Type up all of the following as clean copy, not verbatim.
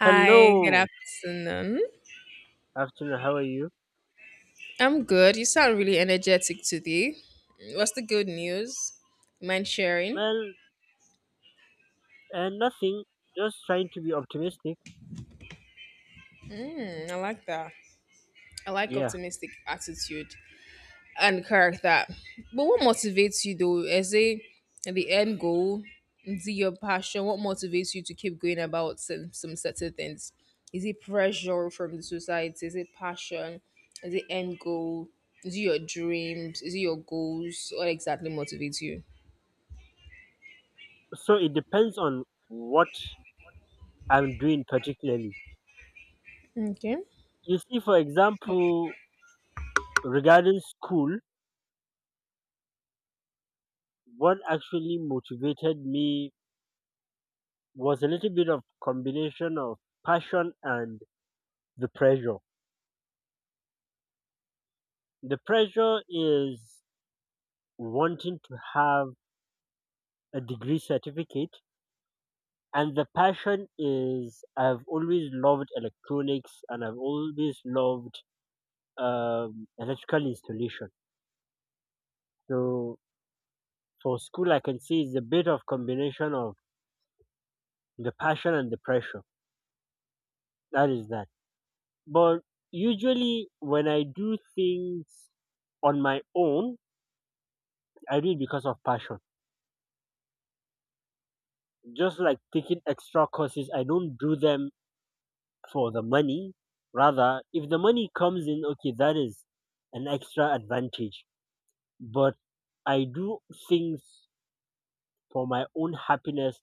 Hi, good Hello, afternoon. afternoon. How are you? I'm good. You sound really energetic today. What's the good news? Mind sharing? Well, nothing. Just trying to be optimistic. Hmm, I like that. I like Yeah. optimistic attitude and character. But what motivates you though? Is it the end goal? Is it your passion? What motivates you to keep going about some certain things? Is it pressure from the society? Is it passion? Is it end goal? Is it your dreams? Is it your goals? What exactly motivates you? So it depends on what I'm doing particularly. Okay. You see, for example, regarding school, what actually motivated me was a little bit of combination of passion and the pressure. The pressure is wanting to have a degree certificate, and the passion is I've always loved electronics and I've always loved electrical installation. So for school, I can see it's a bit of combination of the passion and the pressure. That is that. But usually, when I do things on my own, I do it because of passion. Just like taking extra courses, I don't do them for the money. Rather, if the money comes in, okay, that is an extra advantage. But I do things for my own happiness,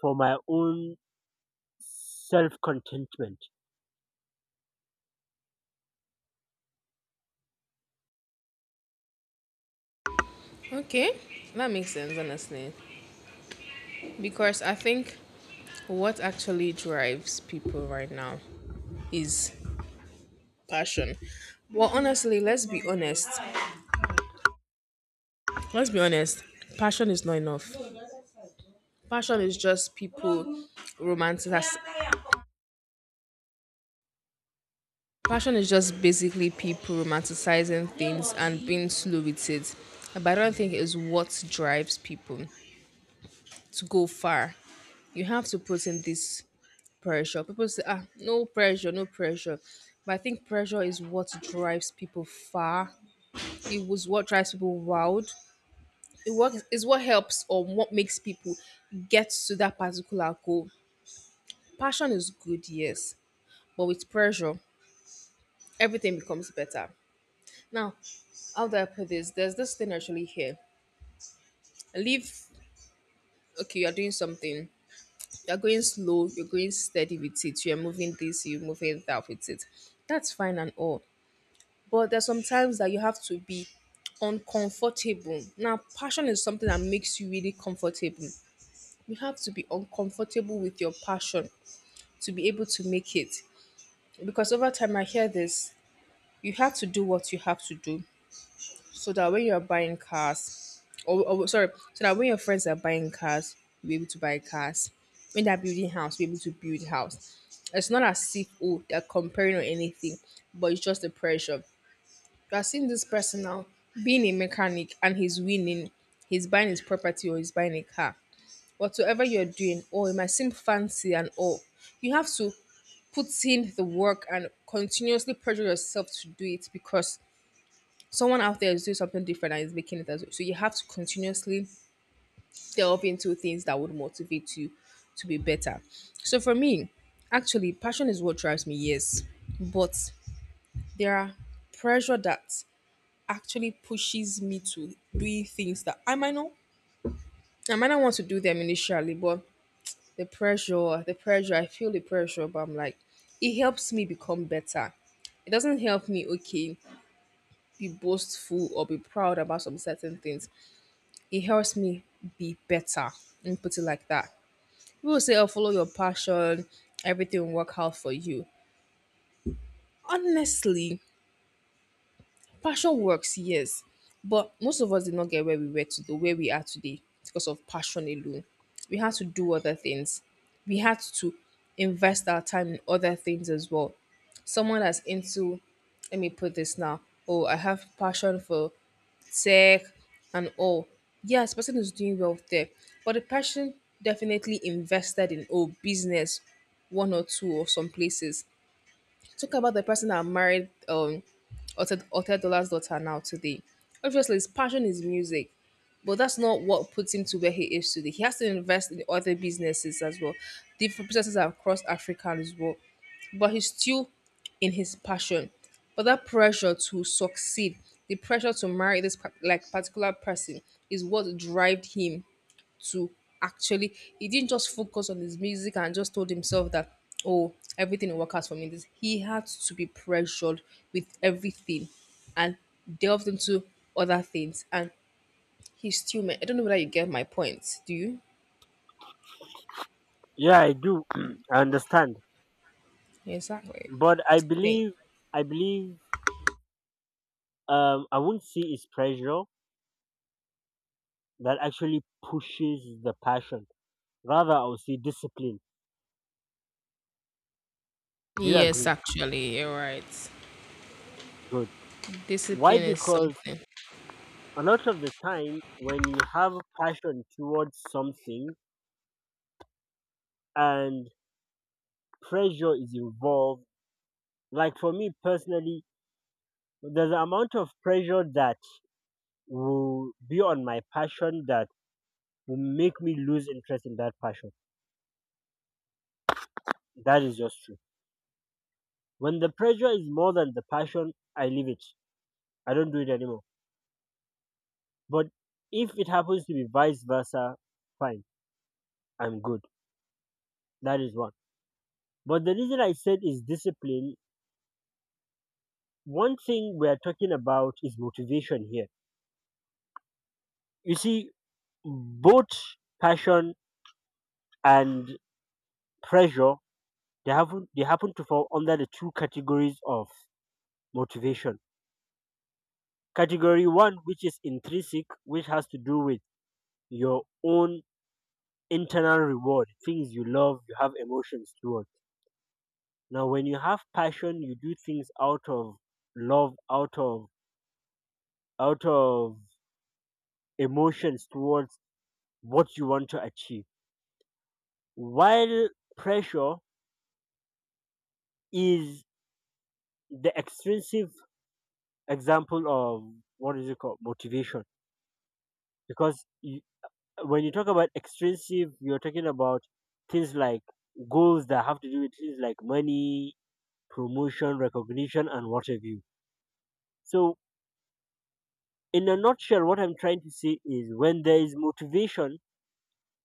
for my own self contentment. Okay, that makes sense, honestly. Because I think what actually drives people right now is passion. Well, honestly, let's be honest. Let's be honest. Passion is not enough. Passion is just people romanticizing. Passion is just basically people romanticizing things and being slow with it. But I don't think it's what drives people to go far. You have to put in this pressure. People say, ah, no pressure, no pressure. But I think pressure is what drives people far. It was what drives people wild. It what is what helps or what makes people get to that particular goal. Passion is good, yes, but with pressure, everything becomes better. Now, how do I put this? There's this thing actually here. Leave. Okay, you're doing something. You're going slow. You're going steady with it. You're moving this. You're moving that with it. That's fine and all, but there's sometimes that you have to be uncomfortable. Now, passion is something that makes you really comfortable. You have to be uncomfortable with your passion to be able to make it. Because over time, I hear this, you have to do what you have to do so that when you're buying cars, or sorry, so that when your friends are buying cars, you'll be able to buy cars. When they're building house, be able to build house. It's not as if, oh, they're comparing or anything, but it's just the pressure. You are seeing this person now being a mechanic and he's winning. He's buying his property or he's buying a car. Whatsoever you're doing, oh, it might seem fancy and all. You have to put in the work and continuously pressure yourself to do it because someone out there is doing something different and is making it as well. So you have to continuously delve into things that would motivate you to be better. So for me, actually, passion is what drives me, yes. But there are pressure that actually pushes me to doing things that I might not want to do them initially, but the pressure, I feel the pressure, but I'm like, it helps me become better. It doesn't help me, okay, be boastful or be proud about some certain things. It helps me be better and put it like that. People say, oh, follow your passion, everything will work out for you. Honestly, passion works, yes, but most of us did not get where we were to the where we are today because of passion alone. We had to do other things. We had to invest our time in other things as well. Someone that's into, let me put this now. Oh, I have passion for tech and all. Yes, person is doing well there, but the person definitely invested in, oh, business, one or two or some places. Talk about the person that married Otedola's daughter now today. Obviously, his passion is music, but that's not what puts him to where he is today. He has to invest in other businesses as well, different businesses across Africa as well. But he's still in his passion. But that pressure to succeed, the pressure to marry like particular person, is what drives him to actually, he didn't just focus on his music and just told himself that, oh, everything will work out for me. This, he had to be pressured with everything and delved into other things and he's still I don't know whether you get my point, do you? Yeah, I do. I understand. Exactly. But I Thing, believe, I believe, I won't say it's pressure that actually pushes the passion. Rather, I would say discipline. Do you yes, agree? actually, you're right. Good. Why? Discipline is Because something. a lot of the time, when you have passion towards something and pressure is involved, like for me personally, there's an amount of pressure that will be on my passion that will make me lose interest in that passion. That is just true. When the pressure is more than the passion, I leave it. I don't do it anymore. But if it happens to be vice versa, fine, I'm good. That is one. But the reason I said is discipline. One thing we are talking about is motivation here. You see, both passion and pressure, they happen to fall under the two categories of motivation. Category one, which is intrinsic, which has to do with your own internal reward, things you love, you have emotions towards. Now, when you have passion, you do things out of love, out of emotions towards what you want to achieve. While pressure is the extrinsic example of, what is it called, motivation, because you, when you talk about extrinsic, you're talking about things like goals that have to do with things like money, promotion, recognition, and what have you. So, in a nutshell, what I'm trying to say is when there is motivation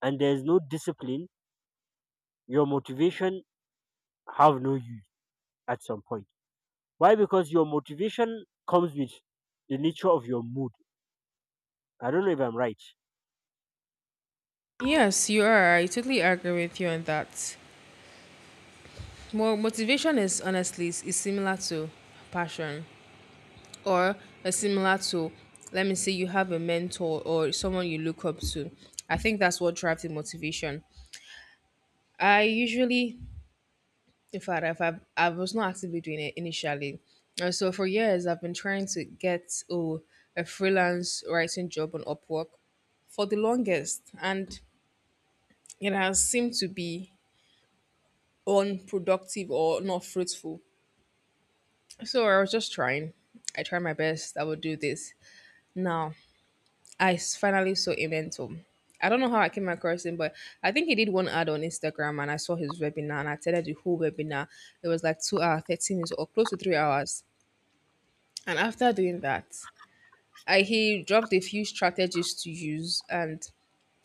and there is no discipline, your motivation have no use at some point. Why? Because your motivation comes with the nature of your mood. I don't know if I'm right. Yes, you are. I totally agree with you on that. More motivation is honestly is similar to passion, or a similar to, let me say, you have a mentor or someone you look up to. I think that's what drives the motivation. I usually, in fact, I was not actively doing it initially, and so for years I've been trying to get, oh, a freelance writing job on Upwork for the longest, and it has seemed to be unproductive or not fruitful. So I was just trying, I tried my best, I would do this. Now, finally saw Emento. I don't know how I came across him, but I think he did one ad on Instagram and I saw his webinar and I attended the whole webinar. It was like 2 hours, 30 minutes or close to 3 hours. And after doing that, he dropped a few strategies to use and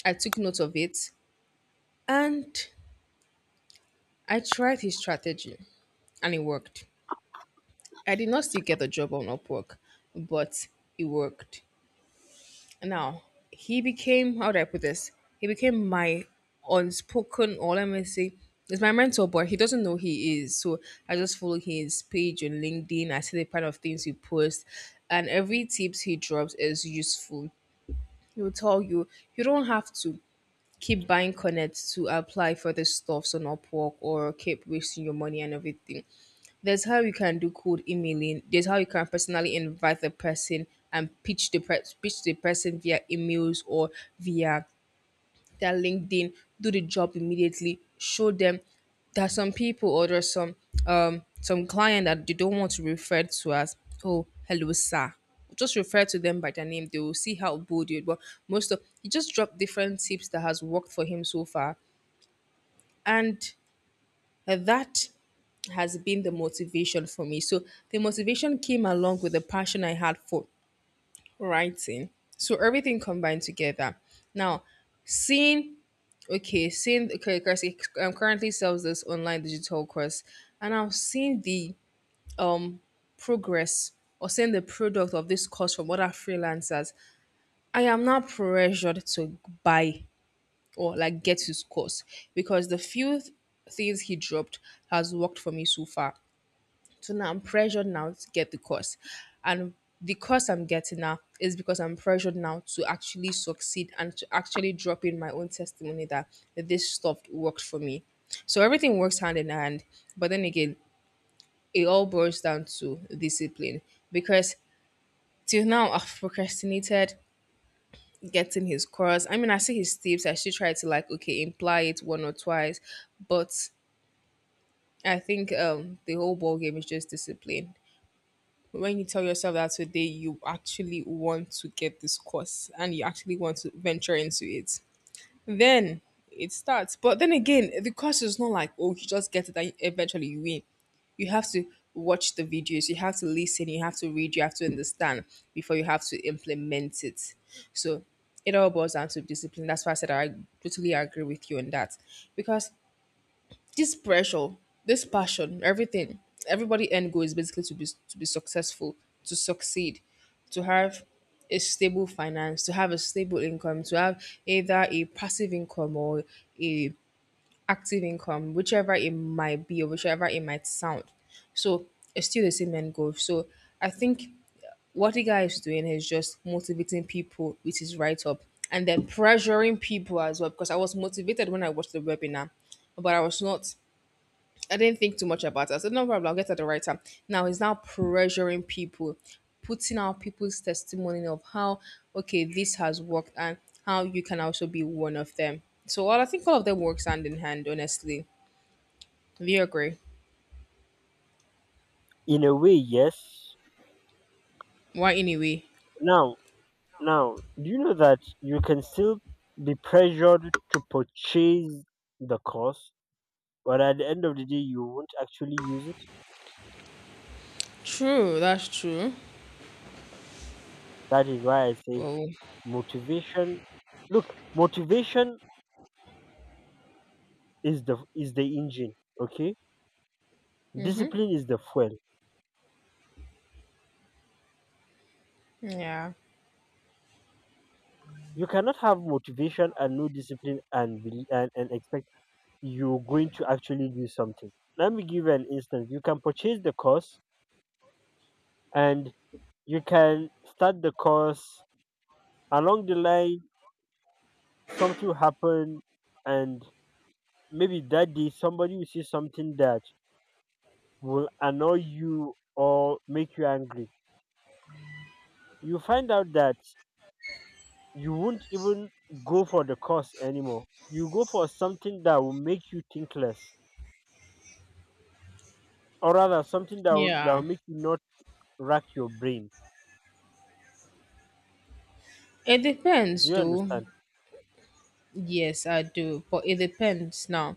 I took note of it, and I tried his strategy and it worked. I did not still get the job on Upwork, but it worked. Now, he became, how do I put this? He became my unspoken, or let me say, he's my mentor, but he doesn't know he is. So I just follow his page on LinkedIn. I see the kind of things he posts, and every tips he drops is useful. He will tell you, you don't have to keep buying connect to apply for the stuffs on Upwork or keep wasting your money and everything. There's how you can do cold emailing. There's how you can personally invite the person and pitch the pitch the person via emails or via their LinkedIn, do the job immediately, show them. There are some people, or there's some client that they don't want to refer to as, oh, hello sir. Just refer to them by their name. They will see how bold you are. But most of, he just dropped different tips that has worked for him so far, and that has been the motivation for me. So the motivation came along with the passion I had for writing. So everything combined together. Now, seeing, okay, seeing, okay, because he, currently sells this online digital course, and I've seen the um progress, or seeing the product of this course from other freelancers. I am not pressured to buy or like get his course because the few things he dropped has worked for me so far. So now I'm pressured now to get the course. And the course I'm getting now is because I'm pressured now to actually succeed and to actually drop in my own testimony that this stuff worked for me. So everything works hand in hand. But then again, it all boils down to discipline because till now I've procrastinated getting his course. I mean, I see his tips. I should try to, like, okay, imply it one or twice, but I think the whole ball game is just discipline. When you tell yourself that today you actually want to get this course and you actually want to venture into it, then it starts. But then again, the course is not like, oh, you just get it and eventually you win. You have to watch the videos, you have to listen, you have to read, you have to understand before you have to implement it. So it all boils down to discipline. That's why I said I totally agree with you on that. Because this pressure, this passion, everything, everybody end goal is basically to be successful, to succeed, to have a stable finance, to have a stable income, to have either a passive income or a active income, whichever it might be or whichever it might sound. So it's still the same end goal. So I think what the guy is doing is just motivating people with his write up and then pressuring people as well. Because I was motivated when I watched the webinar, but I was not I didn't think too much about it. I said, no problem, I'll get at the right time. Now he's now pressuring people, putting out people's testimony of how, okay, this has worked and how you can also be one of them. So well, I think all of them works hand in hand, honestly. Do you agree? In a way, yes. Why anyway? Now, Now, do you know that you can still be pressured to purchase the course, but at the end of the day, you won't actually use it? True, that's true. That is why I say Oh, motivation. Look, motivation is the engine. Okay, discipline is the fuel. yeah. You cannot have motivation and no discipline and expect you're going to actually do something. Let me give you an instance. You can purchase the course and you can start the course. Along the line something will happen, and maybe that day somebody will say something that will annoy you or make you angry. You find out that you won't even go for the cause anymore. You go for something that will make you think less, or rather something that will Yeah. make you not rack your brain. It Do depends you though. understand? Yes, I do. But it depends now.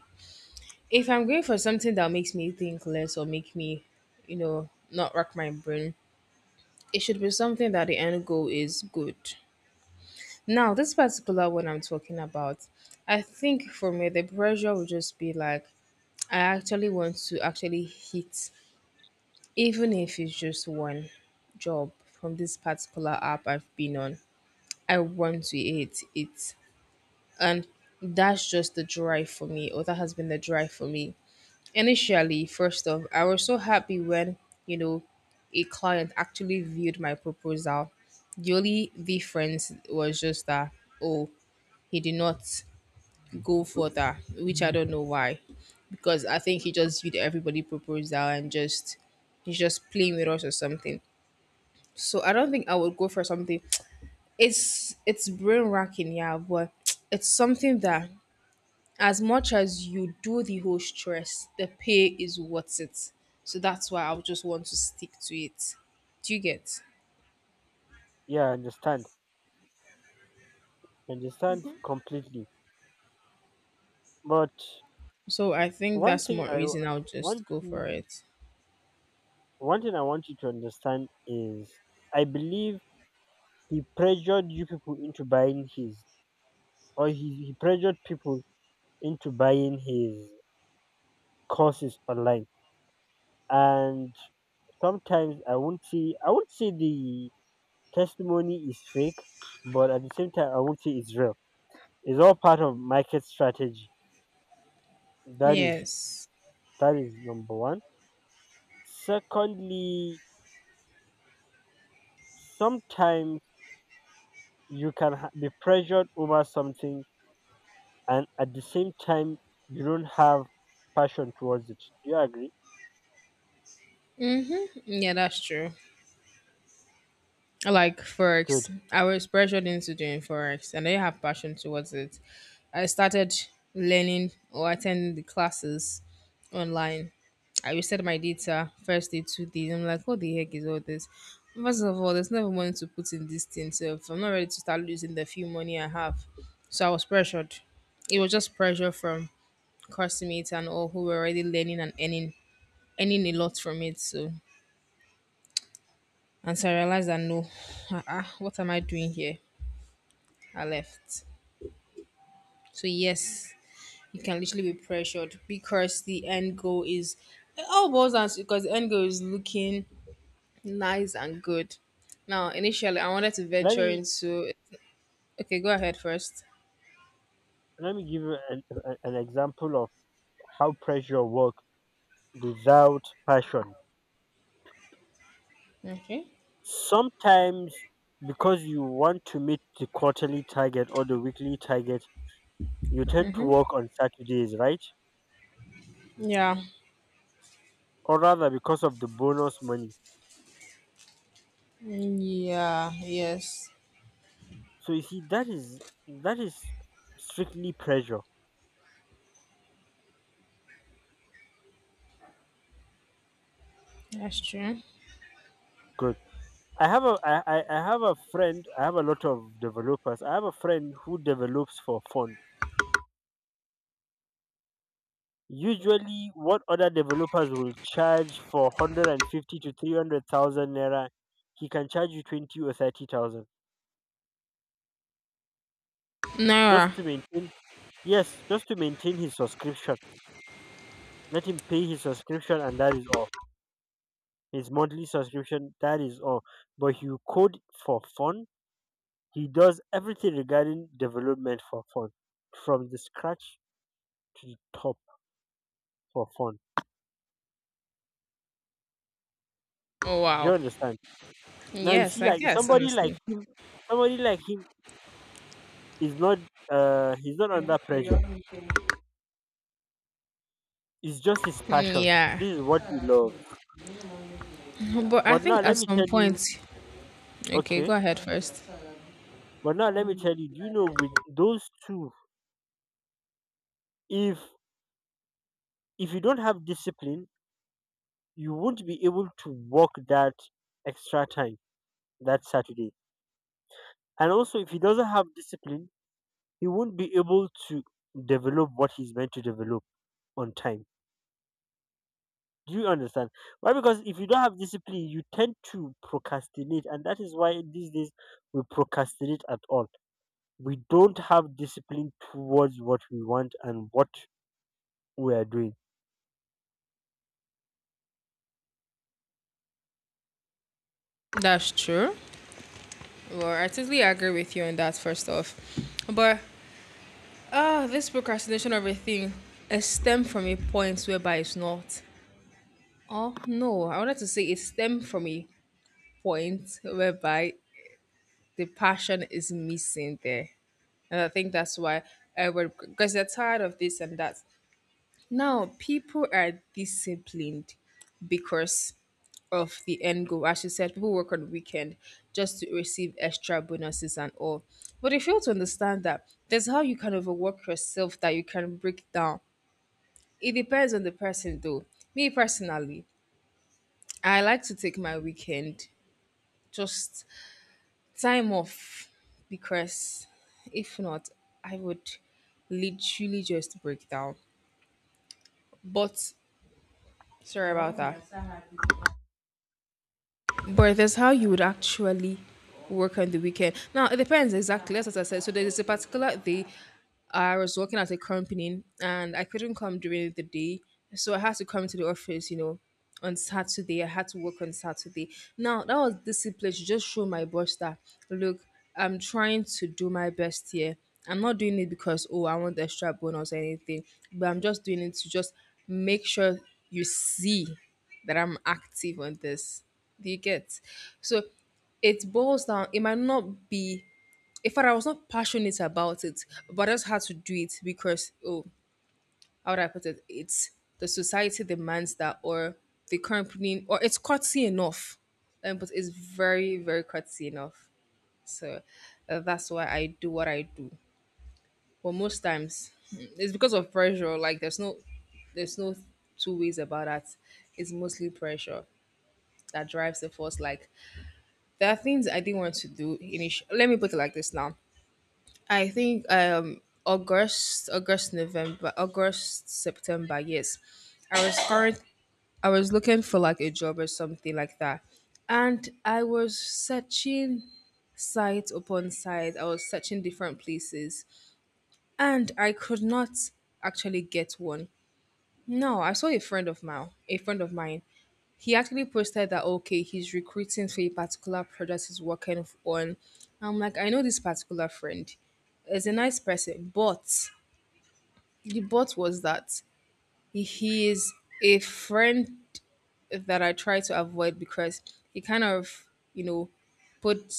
If I'm going for something that makes me think less or make me, you know, not rack my brain, it should be something that the end goal is good. Now, this particular one I'm talking about, I think for me, the pressure would just be like, I actually want to actually hit, even if it's just one job from this particular app I've been on. I want to hit it. And that's just the drive for me, or that has been the drive for me. Initially, first off, I was so happy when, you know, a client actually viewed my proposal. The only difference was just that, oh, he did not go further, which I don't know why. Because I think he just viewed everybody proposal and just he's just playing with us or something. So I don't think I would go for something. It's brain racking, yeah, but it's something that as much as you do the whole stress, the pay is worth it. So that's why I would just want to stick to it. Do you get? Yeah, I understand. Understand completely. But So I think one that's thing more i w- reason I'll want just go for you it. one thing I want you to understand is I believe he pressured you people into buying his, or he pressured people into buying his courses online. And sometimes I won't say the testimony is fake, but at the same time I won't say it's real. It's all part of market strategy. that is Yes. that is number one. Secondly, sometimes you can be pressured over something, and at the same time you don't have passion towards it. Do you agree? Mm-hmm. Yeah, that's true. Like Good. forex, I was pressured into doing forex and I have passion towards it. I started learning or attending the classes online. I reset my data first day, 2 days, I'm like, what the heck is all this? First of all, there's never money to put in this thing, so if I'm not ready to start losing the few money I have. So I was pressured. It was just pressure from classmates and all who were already learning and earning, earning a lot from it. So, and so I realized that no, uh-uh, what am I doing here? I left. So yes, you can literally be pressured because the end goal is, it all boils down to- because the end goal is looking nice and good. Now, initially, I wanted to let venture me into. Okay, go ahead first. let me give you an, an example of how pressure works without passion. Okay. Sometimes because you want to meet the quarterly target or the weekly target, you tend to work on Saturdays, right? Yeah. Or rather because of the bonus money. Yeah. Yes. So you see, that is strictly pressure. That's true. Good. I have a friend. I have a lot of developers. I have a friend who develops for fun. Usually, what other developers will charge for 150 to 300,000 naira, he can charge you 20 or 30,000, Nara. just to maintain, yes, just to maintain his subscription. Let him pay his subscription, and that is all. His monthly subscription, that is all. But you code for fun, he does everything regarding development for fun, from the scratch to the top, for fun. Oh Do you wow. understand? Now, you Yes, see, I like guess honestly. Somebody like him he's not he's not under pressure. It's just his Mm, passion. yeah. This is what he loves. But I But now think let at me some tell you point. Okay, go okay. ahead first. But now let me tell you, do you know with those two, if if you don't have discipline, you won't be able to work that extra time, that Saturday. And also if he doesn't have discipline, he won't be able to develop what he's meant to develop on time. Do you understand? Why? Because if you don't have discipline, you tend to procrastinate, and that is why these days we procrastinate at all. We don't have discipline towards what we want and what we are doing. That's true. Well, I totally agree with you on that, first off. But this procrastination of a thing, it stemmed from a point whereby it's not. Oh, no, I wanted to say it stemmed from a point whereby the passion is missing there. And I think that's why I everyone, because they're tired of this and that. Now, people are disciplined because of the end goal. As she said, people work on the weekend just to receive extra bonuses and all. But they fail to understand that there's how you can overwork yourself that you can break down. It depends on the person though. Me personally, I like to take my weekend, just time off, because if not, I would literally just break down. But sorry about that. But that's how you would actually work on the weekend. Now it depends exactly. That's what I said. So there is a particular day I was working at a company and I couldn't come during the day. So I had to come to the office, you know, on Saturday. I had to work on Saturday. Now that was discipline to just show my boss that look, I'm trying to do my best here. I'm not doing it because oh I want the extra bonus or anything, but I'm just doing it to just make sure you see that I'm active on this. Do you get? So it boils down, it might not be, in fact I was not passionate about it, but I just had to do it because oh, how would I put it? It's the society demands that, or the company, or it's courtesy enough. But it's very, very courtesy enough. So that's why I do what I do. But most times it's because of pressure. Like there's no two ways about that. It's mostly pressure that drives the force. Like there are things I didn't want to do. Initially, let me put it like this now. I think August, August, November, August, September. Yes, I was current. I was looking for like a job or something like that, and I was searching site upon site. I was searching different places, and I could not actually get one. No, I saw a friend of mine, a friend of mine. He actually posted that okay, he's recruiting for a particular project he's on. I'm like, I know this particular friend. He's a nice person, but the but was that he is a friend that I try to avoid because he kind of, you know, put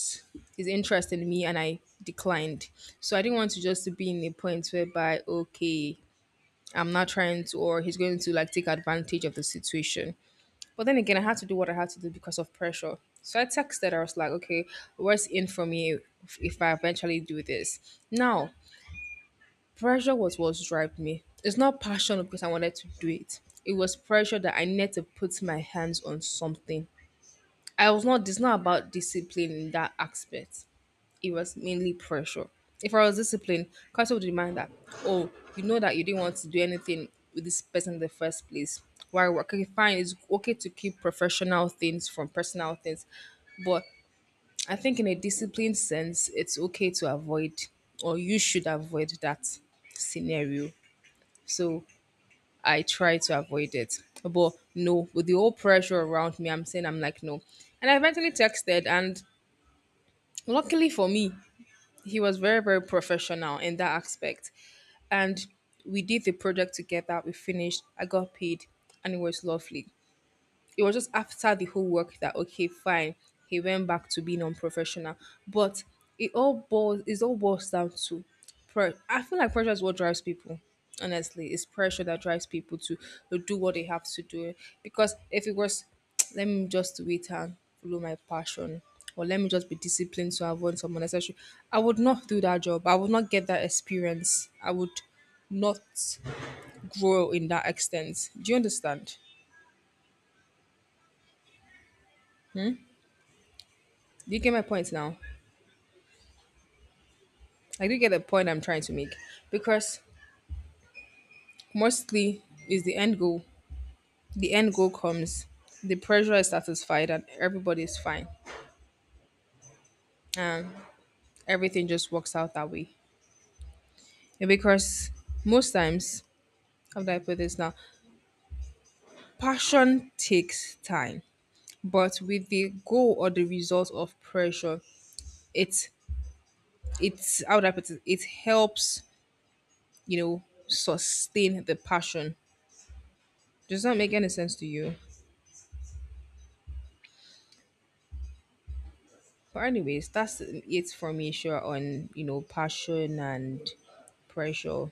his interest in me and I declined. So I didn't want to just to be in a point whereby, okay, I'm not trying to, or he's going to like take advantage of the situation. But then again, I had to do what I had to do because of pressure. So I texted her, I was like, okay, what's in for me if I eventually do this? Now, pressure was what drove me. It's not passion because I wanted to do it. It was pressure that I needed to put my hands on something. I was not, it's not about discipline in that aspect, it was mainly pressure. If I was disciplined, counsel would remind that, oh, you know that you didn't want to do anything with this person in the first place. Why work? Okay, fine, it's okay to keep professional things from personal things, but I think in a disciplined sense, it's okay to avoid or you should avoid that scenario. So I try to avoid it. But no, with the whole pressure around me, I'm saying I'm like, no. And I eventually texted, and luckily for me, he was very very professional in that aspect, and we did the project together, we finished, I got paid, and it was lovely. It was just after the whole work that okay fine, he went back to being unprofessional. But it all boils down to pressure. I feel like pressure is what drives people, honestly. It's pressure that drives people to do what they have to do, because if it was let me just wait and follow my passion, or let me just be disciplined to avoid some unnecessary, I would not do that job, I would not get that experience, I would not grow in that extent. Do you understand? Do you get my point now? I do get the point I'm trying to make, because mostly is the end goal. The end goal comes, the pressure is satisfied, and everybody is fine, and everything just works out that way. And because most times, how do I put this now? Passion takes time, but with the goal or the result of pressure, it's it's how do I put it? It helps you know sustain the passion. Does that make any sense to you? But anyways, that's it for me. Sure on you know passion and pressure.